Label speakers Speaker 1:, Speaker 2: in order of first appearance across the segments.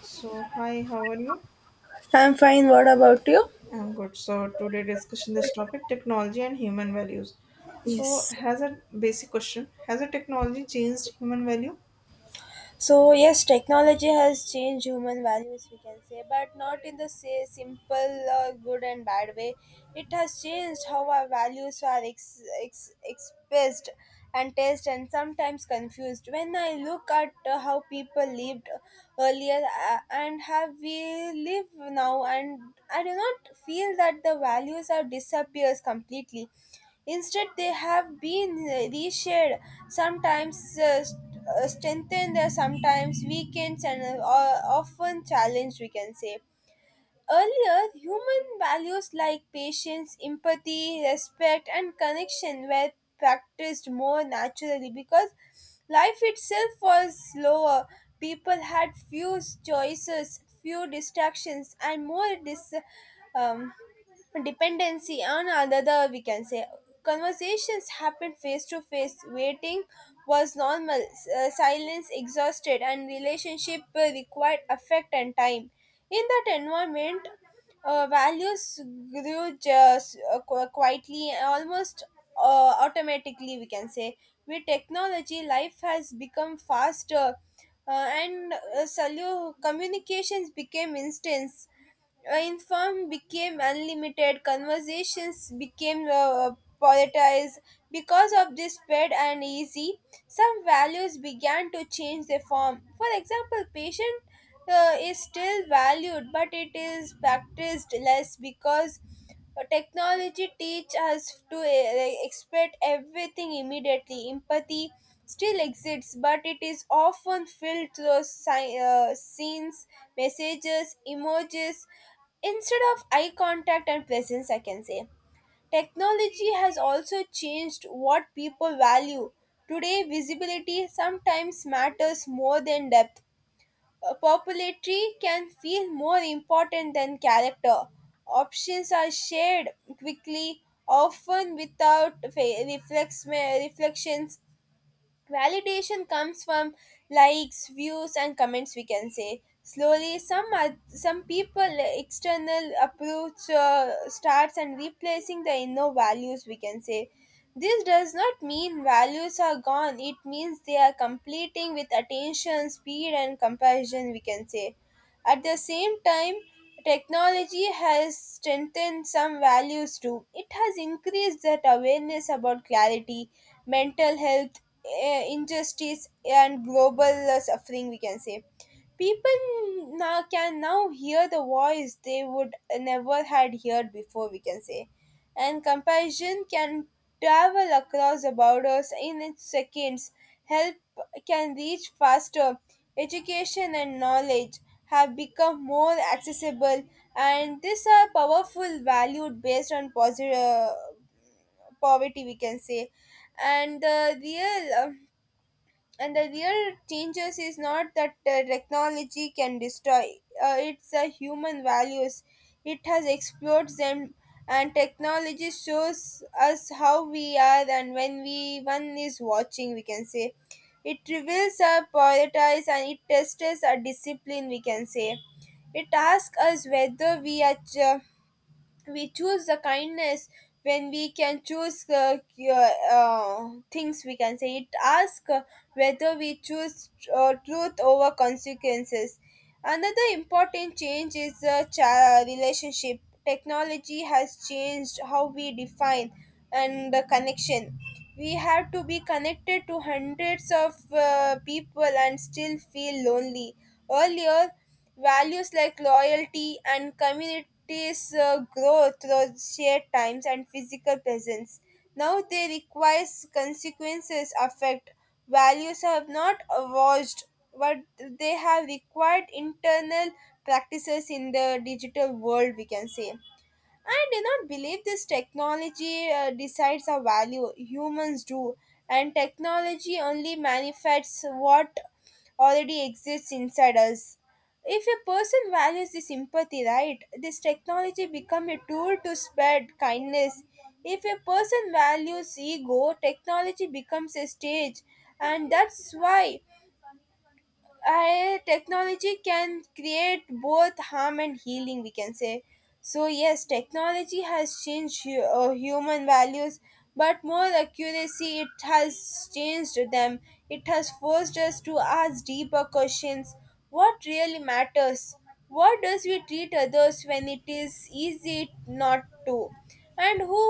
Speaker 1: So, hi, how are you?
Speaker 2: I'm fine. What about you?
Speaker 1: I'm good. So, today discussion this topic technology and human values. So,
Speaker 2: Yes.
Speaker 1: has a basic question Has a technology changed human value?
Speaker 2: So, yes, technology has changed human values, we can say, but not in the say, simple good and bad way. It has changed how our values are expressed and tested, and sometimes confused. When I look at how people lived earlier and how we live now, and I do not feel that the values are disappears completely. Instead, they have been reshaped, sometimes strengthened, sometimes weakened, and often challenged, we can say. Earlier, human values like patience, empathy, respect, and connection were practiced more naturally because life itself was slower. People had few choices, few distractions, and more um, dependency on another, we can say. Conversations happened face to face. Waiting was normal. Silence exhausted, and relationship required affect and time. In that environment, values grew just quietly, almost automatically, we can say. With technology, life has become faster, uh, and communications became instance. Inform became unlimited. Conversations became politicized because of this spread and easy. Some values began to change their form. For example, patient is still valued, but it is practiced less because technology teach us to expect everything immediately. Empathy still exists, but it is often filled through scenes, messages, emojis, instead of eye contact and presence, I can say. Technology has also changed what people value. Today, visibility sometimes matters more than depth. Popularity can feel more important than character. Options are shared quickly, often without reflections. Validation comes from likes, views, and comments, we can say. Slowly, some people, eh, external approach starts and replacing the inner values, we can say. This does not mean values are gone. It means they are completing with attention, speed, and comparison, we can say. At the same time, technology has strengthened some values too. It has increased that awareness about clarity, mental health, eh, injustice, and global suffering, we can say. People now can now hear the voice they would never had heard before, we can say. And compassion can travel across the borders in its seconds. Help can reach faster. Education and knowledge have become more accessible, and these are powerful valued based on poverty, we can say. And the real uh, and the real changes is not that technology can destroy. It's the human values. It has explored them, and technology shows us how we are and when we one is watching, we can say. It reveals our priorities and it tests our discipline, we can say. It asks us whether we choose the kindness when we can choose things, we can say. It asks whether we choose truth over consequences. Another important change is the relationship. Technology has changed how we define and the connection. We have to be connected to hundreds of people and still feel lonely. Earlier, values like loyalty and communities grow through shared times and physical presence. Now they require consequences affect. Values have not evolved, but they have required internal practices in the digital world, we can say. I do not believe this technology decides our value. Humans do, and technology only manifests what already exists inside us. If a person values the sympathy, right, this technology become a tool to spread kindness. If a person values ego, technology becomes a stage, and that's why. I, technology can create both harm and healing, we can say. So yes, technology has changed human values, but more accuracy it has changed them. It has forced us to ask deeper questions. What really matters? What does we treat others when it is easy not to? And who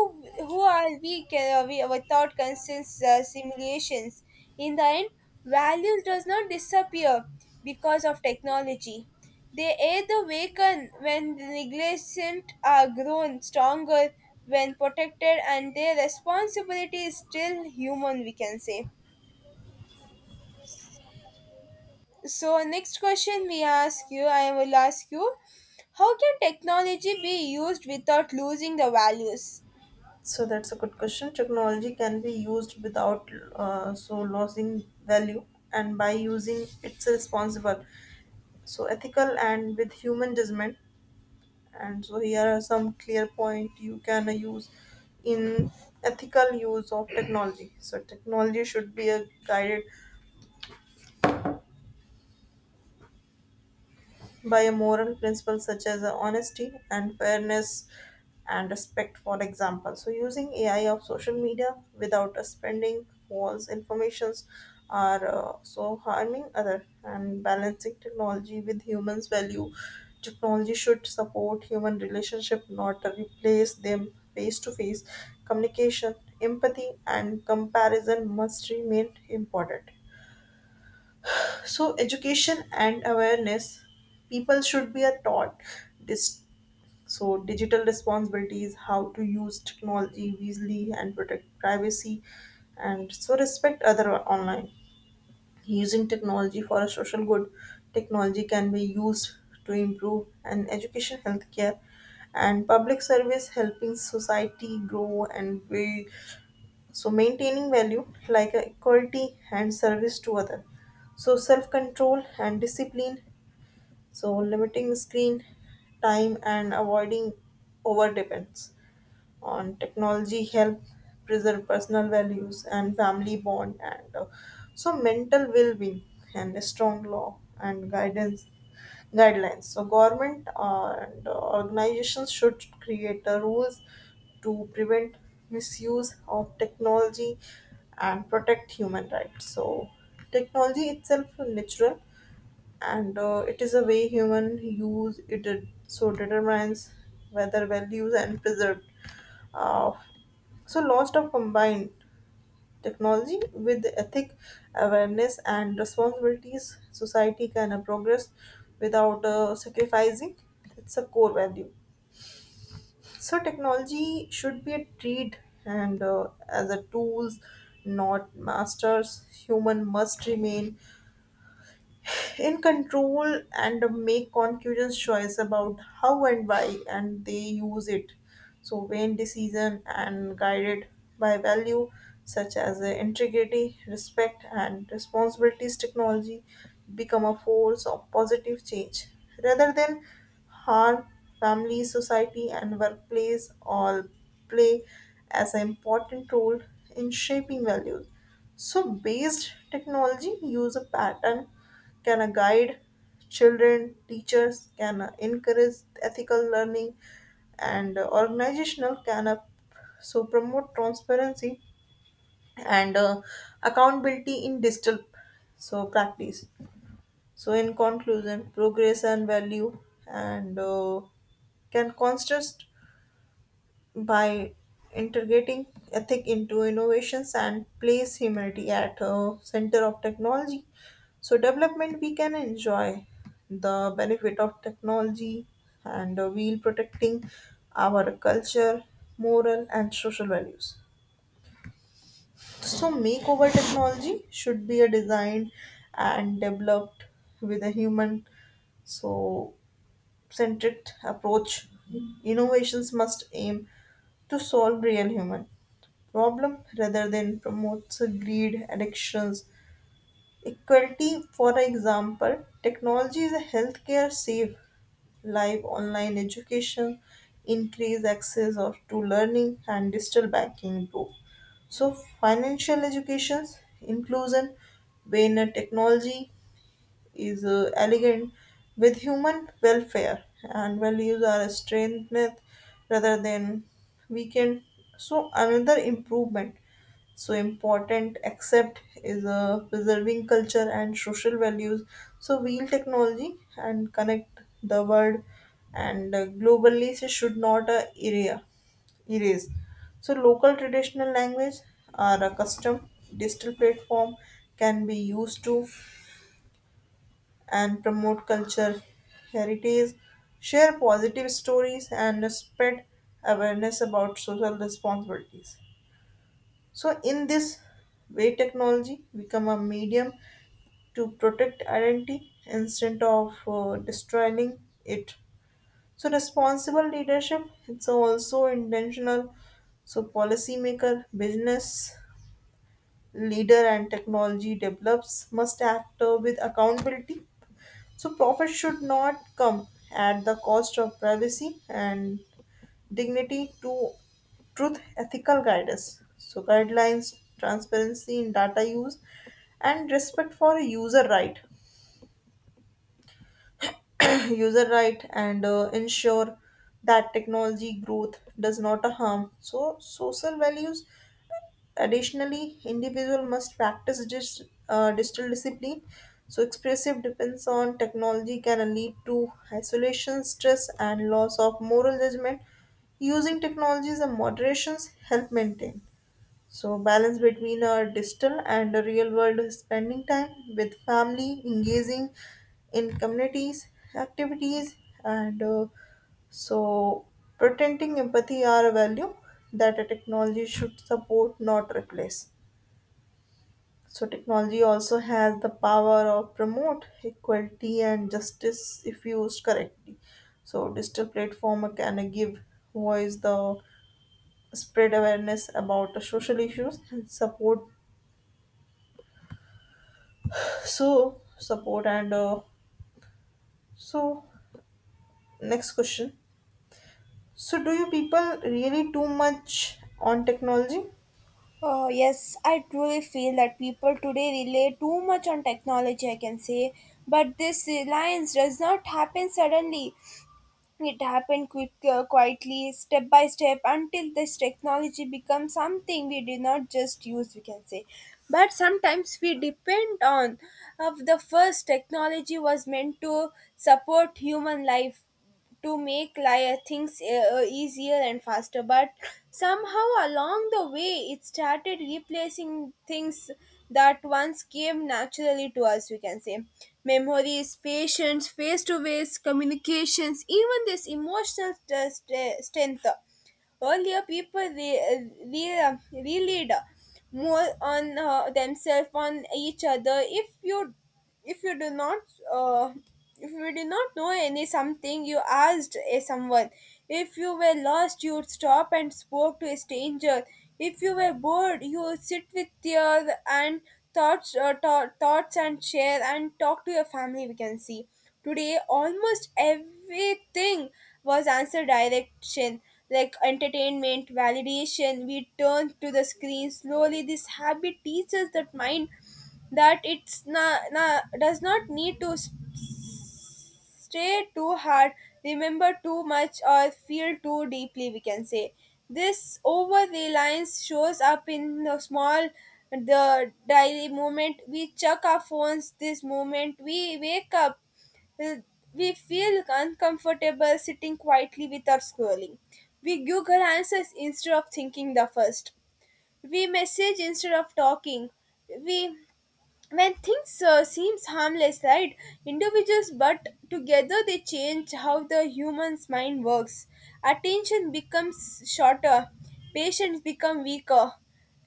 Speaker 2: who are we without constant simulations? In the end, values does not disappear because of technology. They either waken when the negligent are grown stronger, when protected, and their responsibility is still human, we can say. So next question we ask you I will ask you: how can technology be used without losing the values?
Speaker 1: So, that's a good question. Technology can be used without losing value and by using it's responsible. So, ethical and with human judgment. And so, here are some clear point you can use in ethical use of technology. So, technology should be a guided by a moral principle such as honesty and fairness and respect, for example, so using AI of social media without spending false informations are harming other and balancing technology with humans value. Technology should support human relationship not replace them face to face communication, empathy and comparison must remain important. So education and awareness, people should be a taught this, so digital responsibilities, how to use technology wisely and protect privacy and so respect other online, using technology for a social good. Technology can be used to improve and education, healthcare, and public service, helping society grow, and we so maintaining value like a equality and service to other. So self control and discipline, so limiting screen time and avoiding over dependence on technology help preserve personal values and family bond and so mental well-being and a strong law and guidance, guidelines, so government and organizations should create the rules to prevent misuse of technology and protect human rights. So technology itself is natural, and it is a way human use it determines whether well used and preserved. Uh, so lots of combined technology with the ethic, awareness and responsibilities, society can progress without sacrificing its a core value. So technology should be a treat and as a tools, not masters. Human must remain in control and make conscious choice about how and why and they use it. So when decision and guided by value such as integrity, respect and responsibilities, technology become a force of positive change rather than harm. Family, society, and workplace all play as an important role in shaping values. So based technology use a pattern can a guide children, teachers can encourage ethical learning, and organizational can promote transparency and accountability in digital so practice. So in conclusion, progress and value and can consist by integrating ethic into innovations and place humanity at a center of technology, so development we can enjoy the benefit of technology and while protecting our culture, moral and social values. So makeover technology should be a designed and developed with a human so centric approach, innovations must aim to solve real human problem rather than promotes greed, addictions, equality. For example, technology is a healthcare save live, online education increase access of to learning, and digital banking improve. So financial education, inclusion, when a technology is elegant with human welfare and values are strengthened rather than weakened. So another improvement so important except is preserving culture and social values. So wheel technology and connect the world and globally, so should not area erase so local traditional language are a custom. Digital platform can be used to and promote culture, heritage, share positive stories, and spread awareness about social responsibilities. So, in this way, technology become a medium to protect identity instead of destroying it. So, responsible leadership it's also intentional. So, policymaker, business leader, and technology develops must act with accountability. So, profit should not come at the cost of privacy and dignity, to truth ethical guidance. So, guidelines, transparency in data use, and respect for user right. User right and ensure that technology growth does not harm so social values. Additionally, individual must practice digital discipline. So expressive depends on technology can lead to isolation, stress, and loss of moral judgment. Using technologies and moderations help maintain. So, balance between a digital and a real world, spending time with family, engaging in communities, activities, and so pretending empathy are a value that a technology should support, not replace. So, technology also has the power of promote equality and justice if used correctly. So, digital platform can give voice the spread awareness about the social issues and support. So support and so next question. So do you people really too much on technology?
Speaker 2: Oh, yes, I truly feel that people today rely too much on technology, I can say. But this reliance does not happen suddenly. It happened quietly, step by step, until this technology becomes something we do not just use, we can say. But sometimes we depend on. Of the first, technology was meant to support human life, to make things easier and faster, but somehow along the way it started replacing things that once came naturally to us, we can say. Memories, patience, face to face communications, even this emotional strength. Earlier, people relied more on themselves, on each other. If you do not, uh, if you do not know any something, you asked a someone. If you were lost, you would stop and spoke to a stranger. If you were bored, you would sit with your and thoughts, thoughts, and share and talk to your family. We can see. Today, almost everything was answer direction, like entertainment, validation. We turn to the screen slowly. This habit teaches that mind that it's na, na does not need to stray too hard, remember too much, or feel too deeply, we can say. This over reliance shows up in the small, the daily moment. We check our phones this moment we wake up. uh, We feel uncomfortable sitting quietly with our scrolling. We Google answers instead of thinking the first. We message instead of talking. We, when things seems harmless, right? Individuals, but together they change how the human's mind works. Attention becomes shorter. Patience become weaker.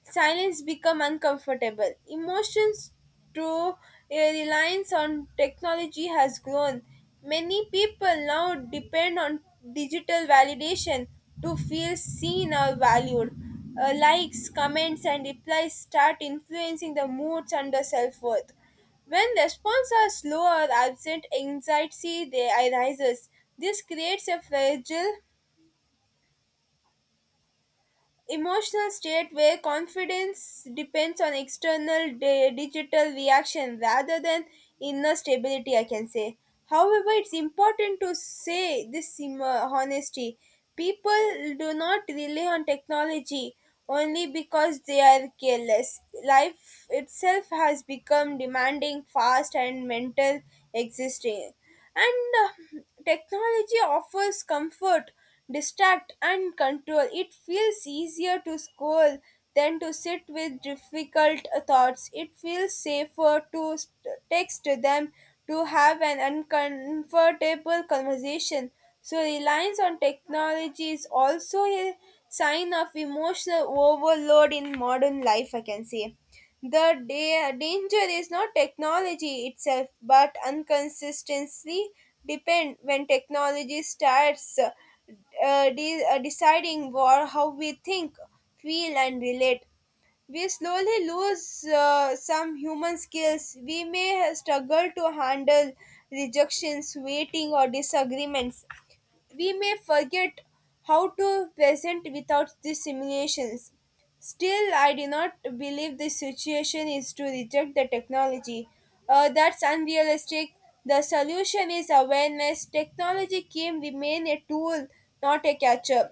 Speaker 2: Silence become uncomfortable. Emotions through a reliance on technology has grown. Many people now depend on digital validation to feel seen or valued. Likes, comments, and replies start influencing the moods and the self worth. When responses are slow or absent, anxiety they arises. This creates a fragile emotional state where confidence depends on external digital reaction rather than inner stability, I can say. However, it's important to say this honesty. People do not rely on technology only because they are careless. Life itself has become demanding, fast, and mental, existing, and technology offers comfort, distract, and control. It feels easier to scroll than to sit with difficult thoughts. It feels safer to text them to have an uncomfortable conversation. So, reliance on technology is also a sign of emotional overload in modern life, I can say. The danger is not technology itself, but inconsistency depend when technology starts deciding how we think, feel, and relate. We slowly lose some human skills. We may struggle to handle rejections, waiting, or disagreements. We may forget how to present without these simulations. Still, I do not believe the situation is to reject the technology. That's unrealistic. The solution is awareness. Technology can remain a tool, not a catcher.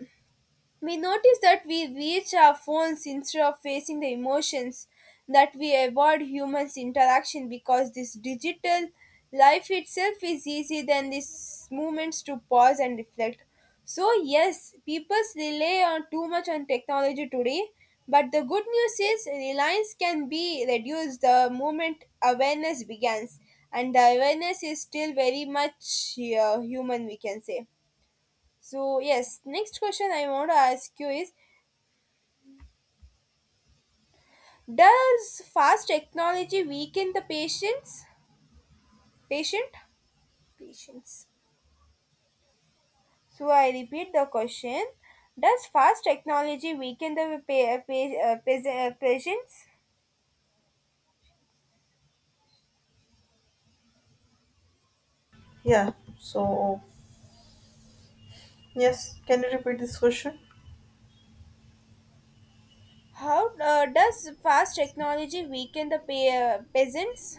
Speaker 2: We notice that we reach our phones instead of facing the emotions, that we avoid humans' interaction because this digital life itself is easier than these moments to pause and reflect. So, yes, people rely on too much on technology today, but the good news is reliance can be reduced the moment awareness begins, and the awareness is still very much human, we can say. So yes, next question I want to ask you is: does fast technology weaken the patients? Patient? Patients. So I repeat the question. Does fast technology weaken the peasants?
Speaker 1: Yeah. So yes, can you repeat this question?
Speaker 2: How does fast technology weaken the peasants?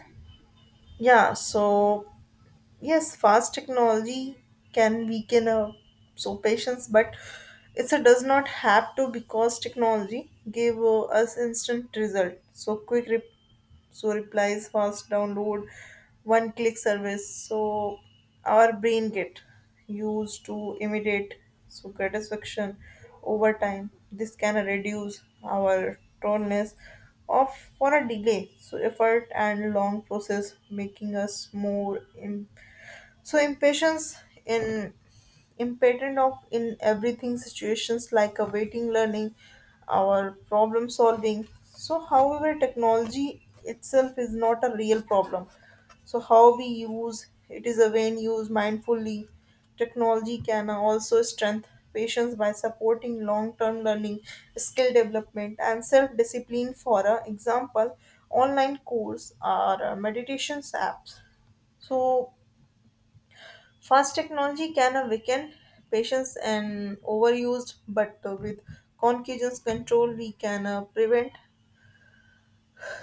Speaker 1: Yeah. So yes, fast technology can weaken patience, but it's a does not have to because technology gave us instant result, so so replies, fast download, one click service, so our brain get used to immediate so satisfaction. Over time this can reduce our proneness of for a delay, so effort and long process making us more so impatience in impatent of in everything situations like a waiting, learning, our problem solving. So however technology itself is not a real problem, so how we use it is a when used mindfully. Technology can also strengthen patients by supporting long-term learning, skill development and self-discipline for example online course or meditations apps. So fast technology can awaken patients and overused, but with conscious control, we can prevent.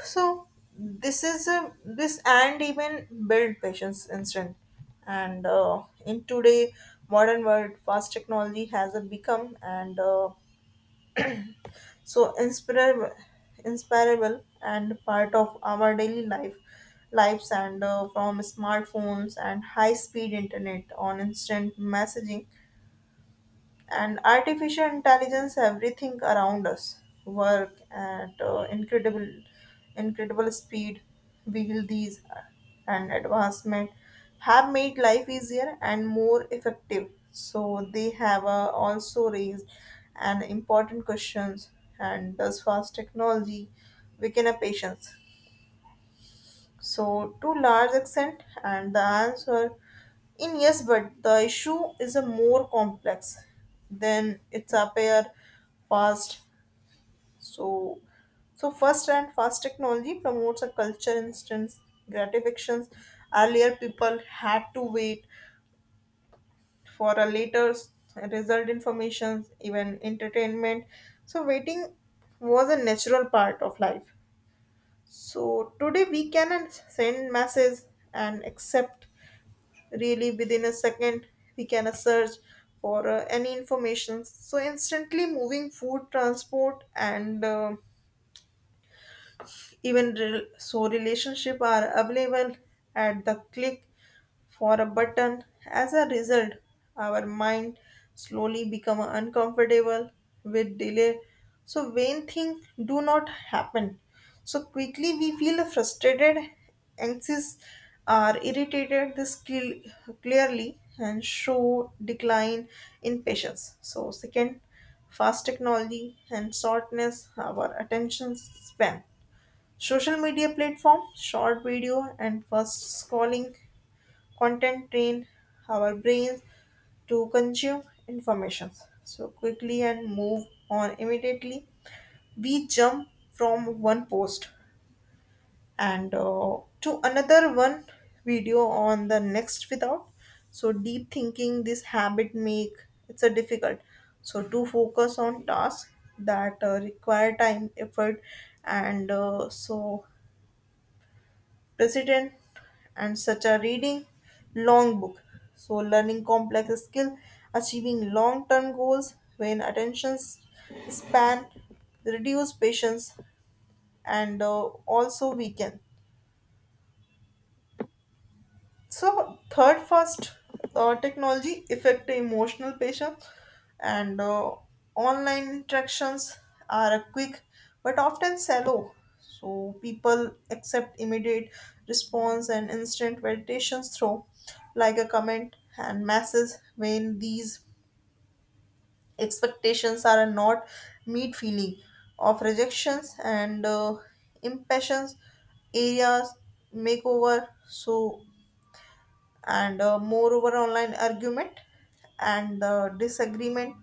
Speaker 1: So this is this and even build patients instant. And in today modern world, fast technology has become and so inspirable, inspirable and part of our daily life lives and from smartphones and high speed internet on instant messaging and artificial intelligence, everything around us work at incredible speed. While these and advancement have made life easier and more effective, so they have also raised an important questions, and does fast technology weaken a patience? So, to large extent, and the answer in yes, but the issue is a more complex than it's appear fast. So, so first and fast technology promotes a culture instance gratifications. Earlier, people had to wait for a result, information, even entertainment. So, waiting was a natural part of life. So today we can send message and accept really within a second. We can search for any information so instantly, moving food, transport, and even relationship are available at the click for a button. As a result, our mind slowly become uncomfortable with delay. So vain thing do not happen so quickly, we feel frustrated, anxious, or irritated. This clearly and show decline in patience. So second, fast technology and shortness our attention span. Social media platform, short video and fast scrolling content train our brains to consume information so quickly and move on immediately. We jump from one post and to another one video on the next without so deep thinking. This habit make it's a difficult so to focus on tasks that require time, effort, and so president, and such are reading long book, so learning complex skill, achieving long term goals. When attention span reduce, patience and also weaken. So third first, technology affect the emotional patience and online interactions are quick but often shallow. So people accept immediate response and instant validations through like a comment and message. When these expectations are not meet, feeling of rejections and impatience areas makeover. So and moreover online argument and the disagreement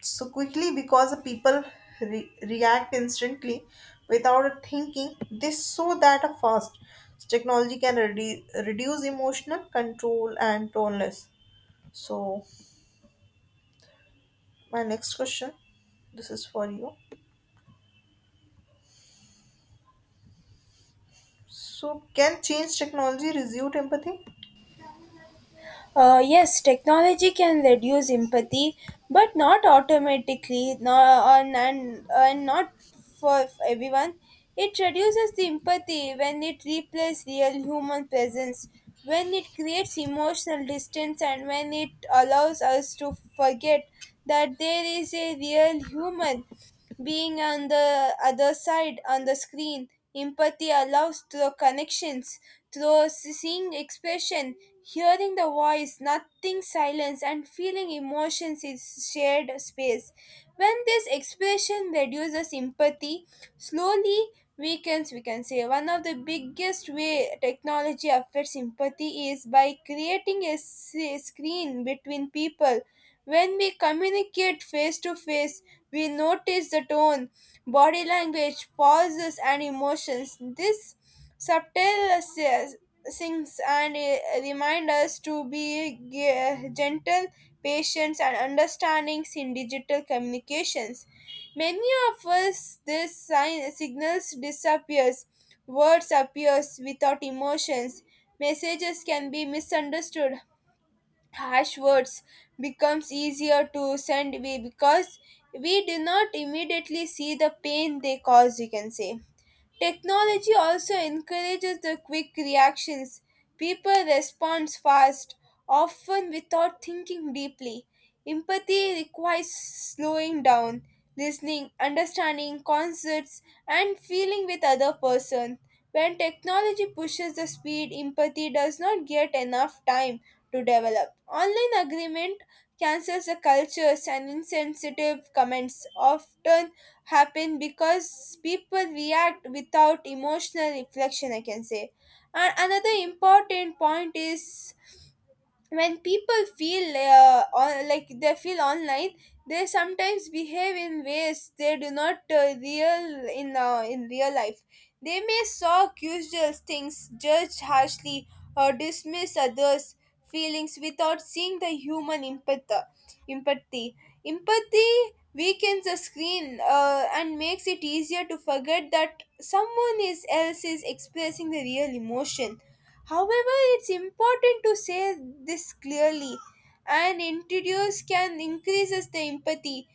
Speaker 1: so quickly because the people react instantly without thinking, this so that a fast technology can reduce emotional control and toneless. So my next question, this is for you, so can change technology reduce empathy?
Speaker 2: Yes, technology can reduce empathy, but not automatically, no, and not for everyone. It reduces the empathy when it replaces real human presence, when it creates emotional distance, and when it allows us to forget that there is a real human being on the other side on the screen. Empathy allows through connections, through seeing expression, hearing the voice, nothing silence, and feeling emotions is shared space. When this expression reduces empathy, slowly weakens, we can say. One of the biggest way technology affects empathy is by creating a screen between people. When we communicate face to face, we notice the tone, body language, pauses, and emotions. This subtle things and remind us to be gentle, patient, and understandings in digital communications. Many of us, this sign signals disappears, words appears without emotions. Messages can be misunderstood, harsh words becomes easier to send away because we do not immediately see the pain they cause, you can say. Technology also encourages the quick reactions. People respond fast, often without thinking deeply. Empathy requires slowing down, listening, understanding concepts, and feeling with other person. When technology pushes the speed, empathy does not get enough time to develop. Online agreement cancels the cultures and insensitive comments, often happen because people react without emotional reflection, I can say. And another important point is when people feel on, like they feel online, they sometimes behave in ways they do not real in real life. They may shock usual things, judge harshly, or dismiss others feelings without seeing the human empathy empathy weakens the screen and makes it easier to forget that someone is else is expressing the real emotion. However, it's important to say this clearly, and introduce can increases the empathy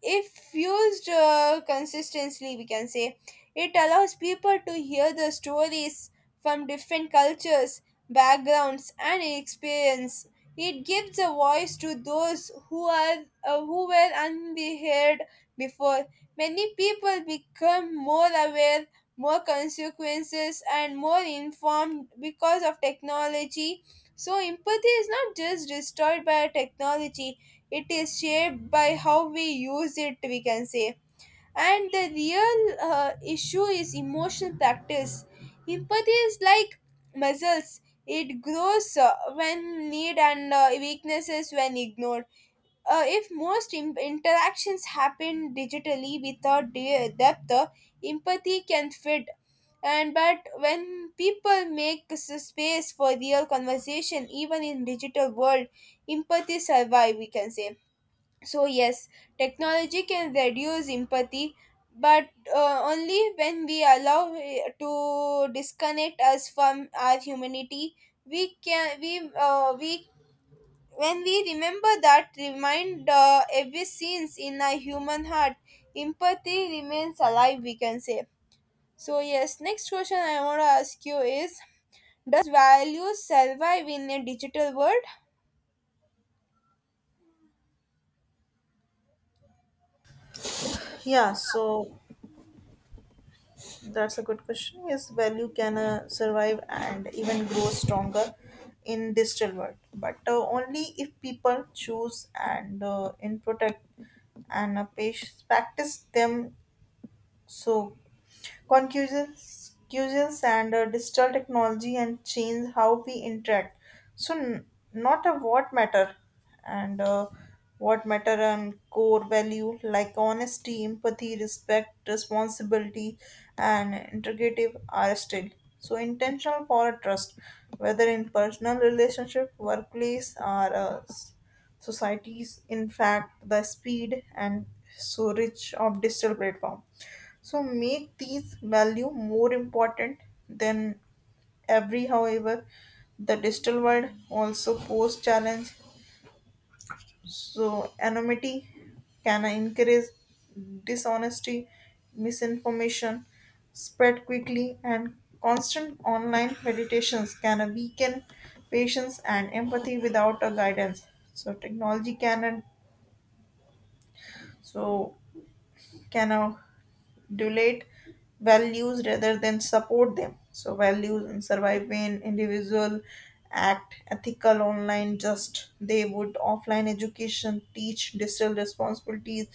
Speaker 2: if used consistently, we can say. It allows people to hear the stories from different cultures, backgrounds, and experience. It gives a voice to those who are who were unheard before. Many people become more aware, more consequences, and more informed because of technology. So empathy is not just destroyed by technology, it is shaped by how we use it, we can say. And the real issue is emotional practice. Empathy is like muscles. It grows when need and weaknesses when ignored. If most interactions happen digitally without depth, empathy can fade. And but when people make space for real conversation even in digital world, empathy survive, we can say. So, yes, technology can reduce empathy, but only when we allow it to disconnect us from our humanity. We can we When we remember that remind every scenes in a human heart, empathy remains alive, we can say. So yes, next question I want to ask you is: does value survive in a digital world?
Speaker 1: Yeah, so that's a good question. Yes, value can survive and even grow stronger in digital world, but only if people choose and in protect and practice them. So concussions, concussions and digital technology and change how we interact, so not a and uh, what matter and core value like honesty, empathy, respect, responsibility, and integrative are still so intentional for a trust, whether in personal relationship, workplace, or societies. In fact, the speed and so rich of digital platform so make these value more important than every. However, the digital world also pose challenge. So anonymity can encourage dishonesty, misinformation spread quickly, and constant online meditations can weaken patience and empathy without a guidance. So technology can so can adulate values rather than support them. So values in surviving individual act ethical online just they would offline, education teach digital responsibilities,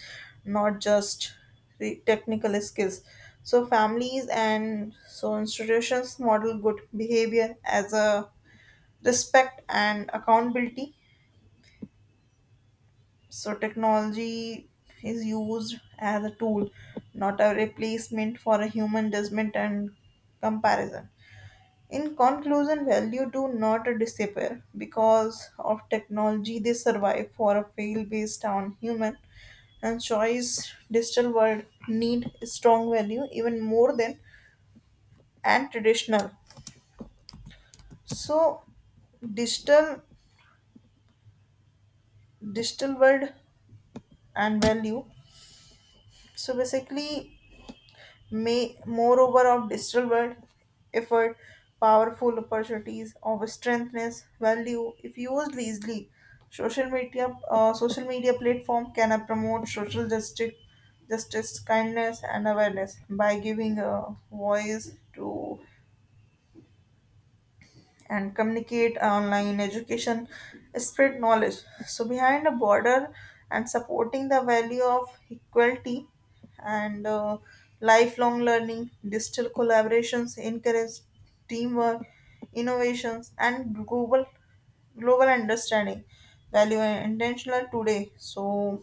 Speaker 1: not just the technical skills, so families and so institutions model good behavior as a respect and accountability. So technology is used as a tool, not a replacement for a human judgment and comparison. In conclusion, value do not disappear because of technology. They survive for a fail based on human and choice. Digital world need strong value even more than and traditional. So digital, digital world and value. So basically May, moreover, of digital world, effort, powerful opportunities of strengthness, value. If used wisely, social media platform can promote social justice, justice, kindness, and awareness by giving a voice to and communicate online education spread knowledge so behind a border, and supporting the value of equality and lifelong learning. Digital collaborations encourage teamwork, innovations, and global, global understanding value and intentional today. So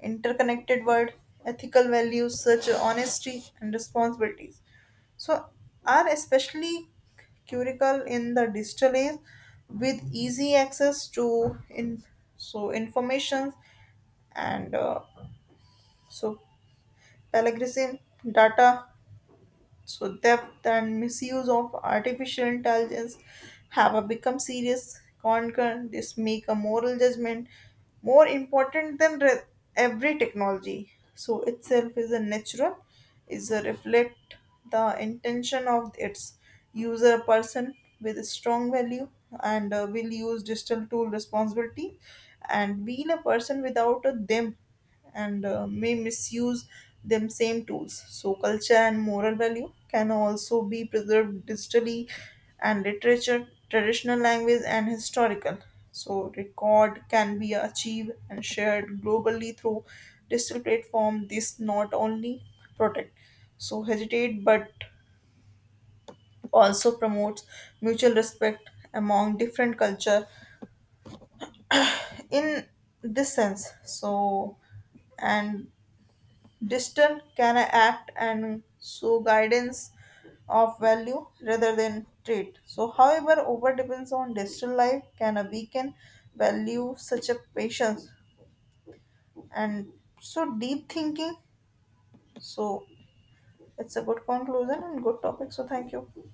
Speaker 1: interconnected world, ethical values such as honesty and responsibilities so are especially critical in the digital age with easy access to in so information and so plagiarism, data, so theft and misuse of artificial intelligence have a become serious concern. This make a moral judgment more important than every technology. So, itself is a natural, is a reflect the intention of its user. Person with a strong value and will use digital tool responsibility, and will a person without a them and may misuse them same tools. So culture and moral value can also be preserved digitally, and literature, traditional language and historical so record can be achieved and shared globally through digital platform. This not only protect so hesitate, but also promotes mutual respect among different culture. In this sense, so and Distant can act and so guidance of value rather than trait. So, however, over depends on digital life can a weaken value such a patience and so deep thinking. So, it's a good conclusion and good topic. So, thank you.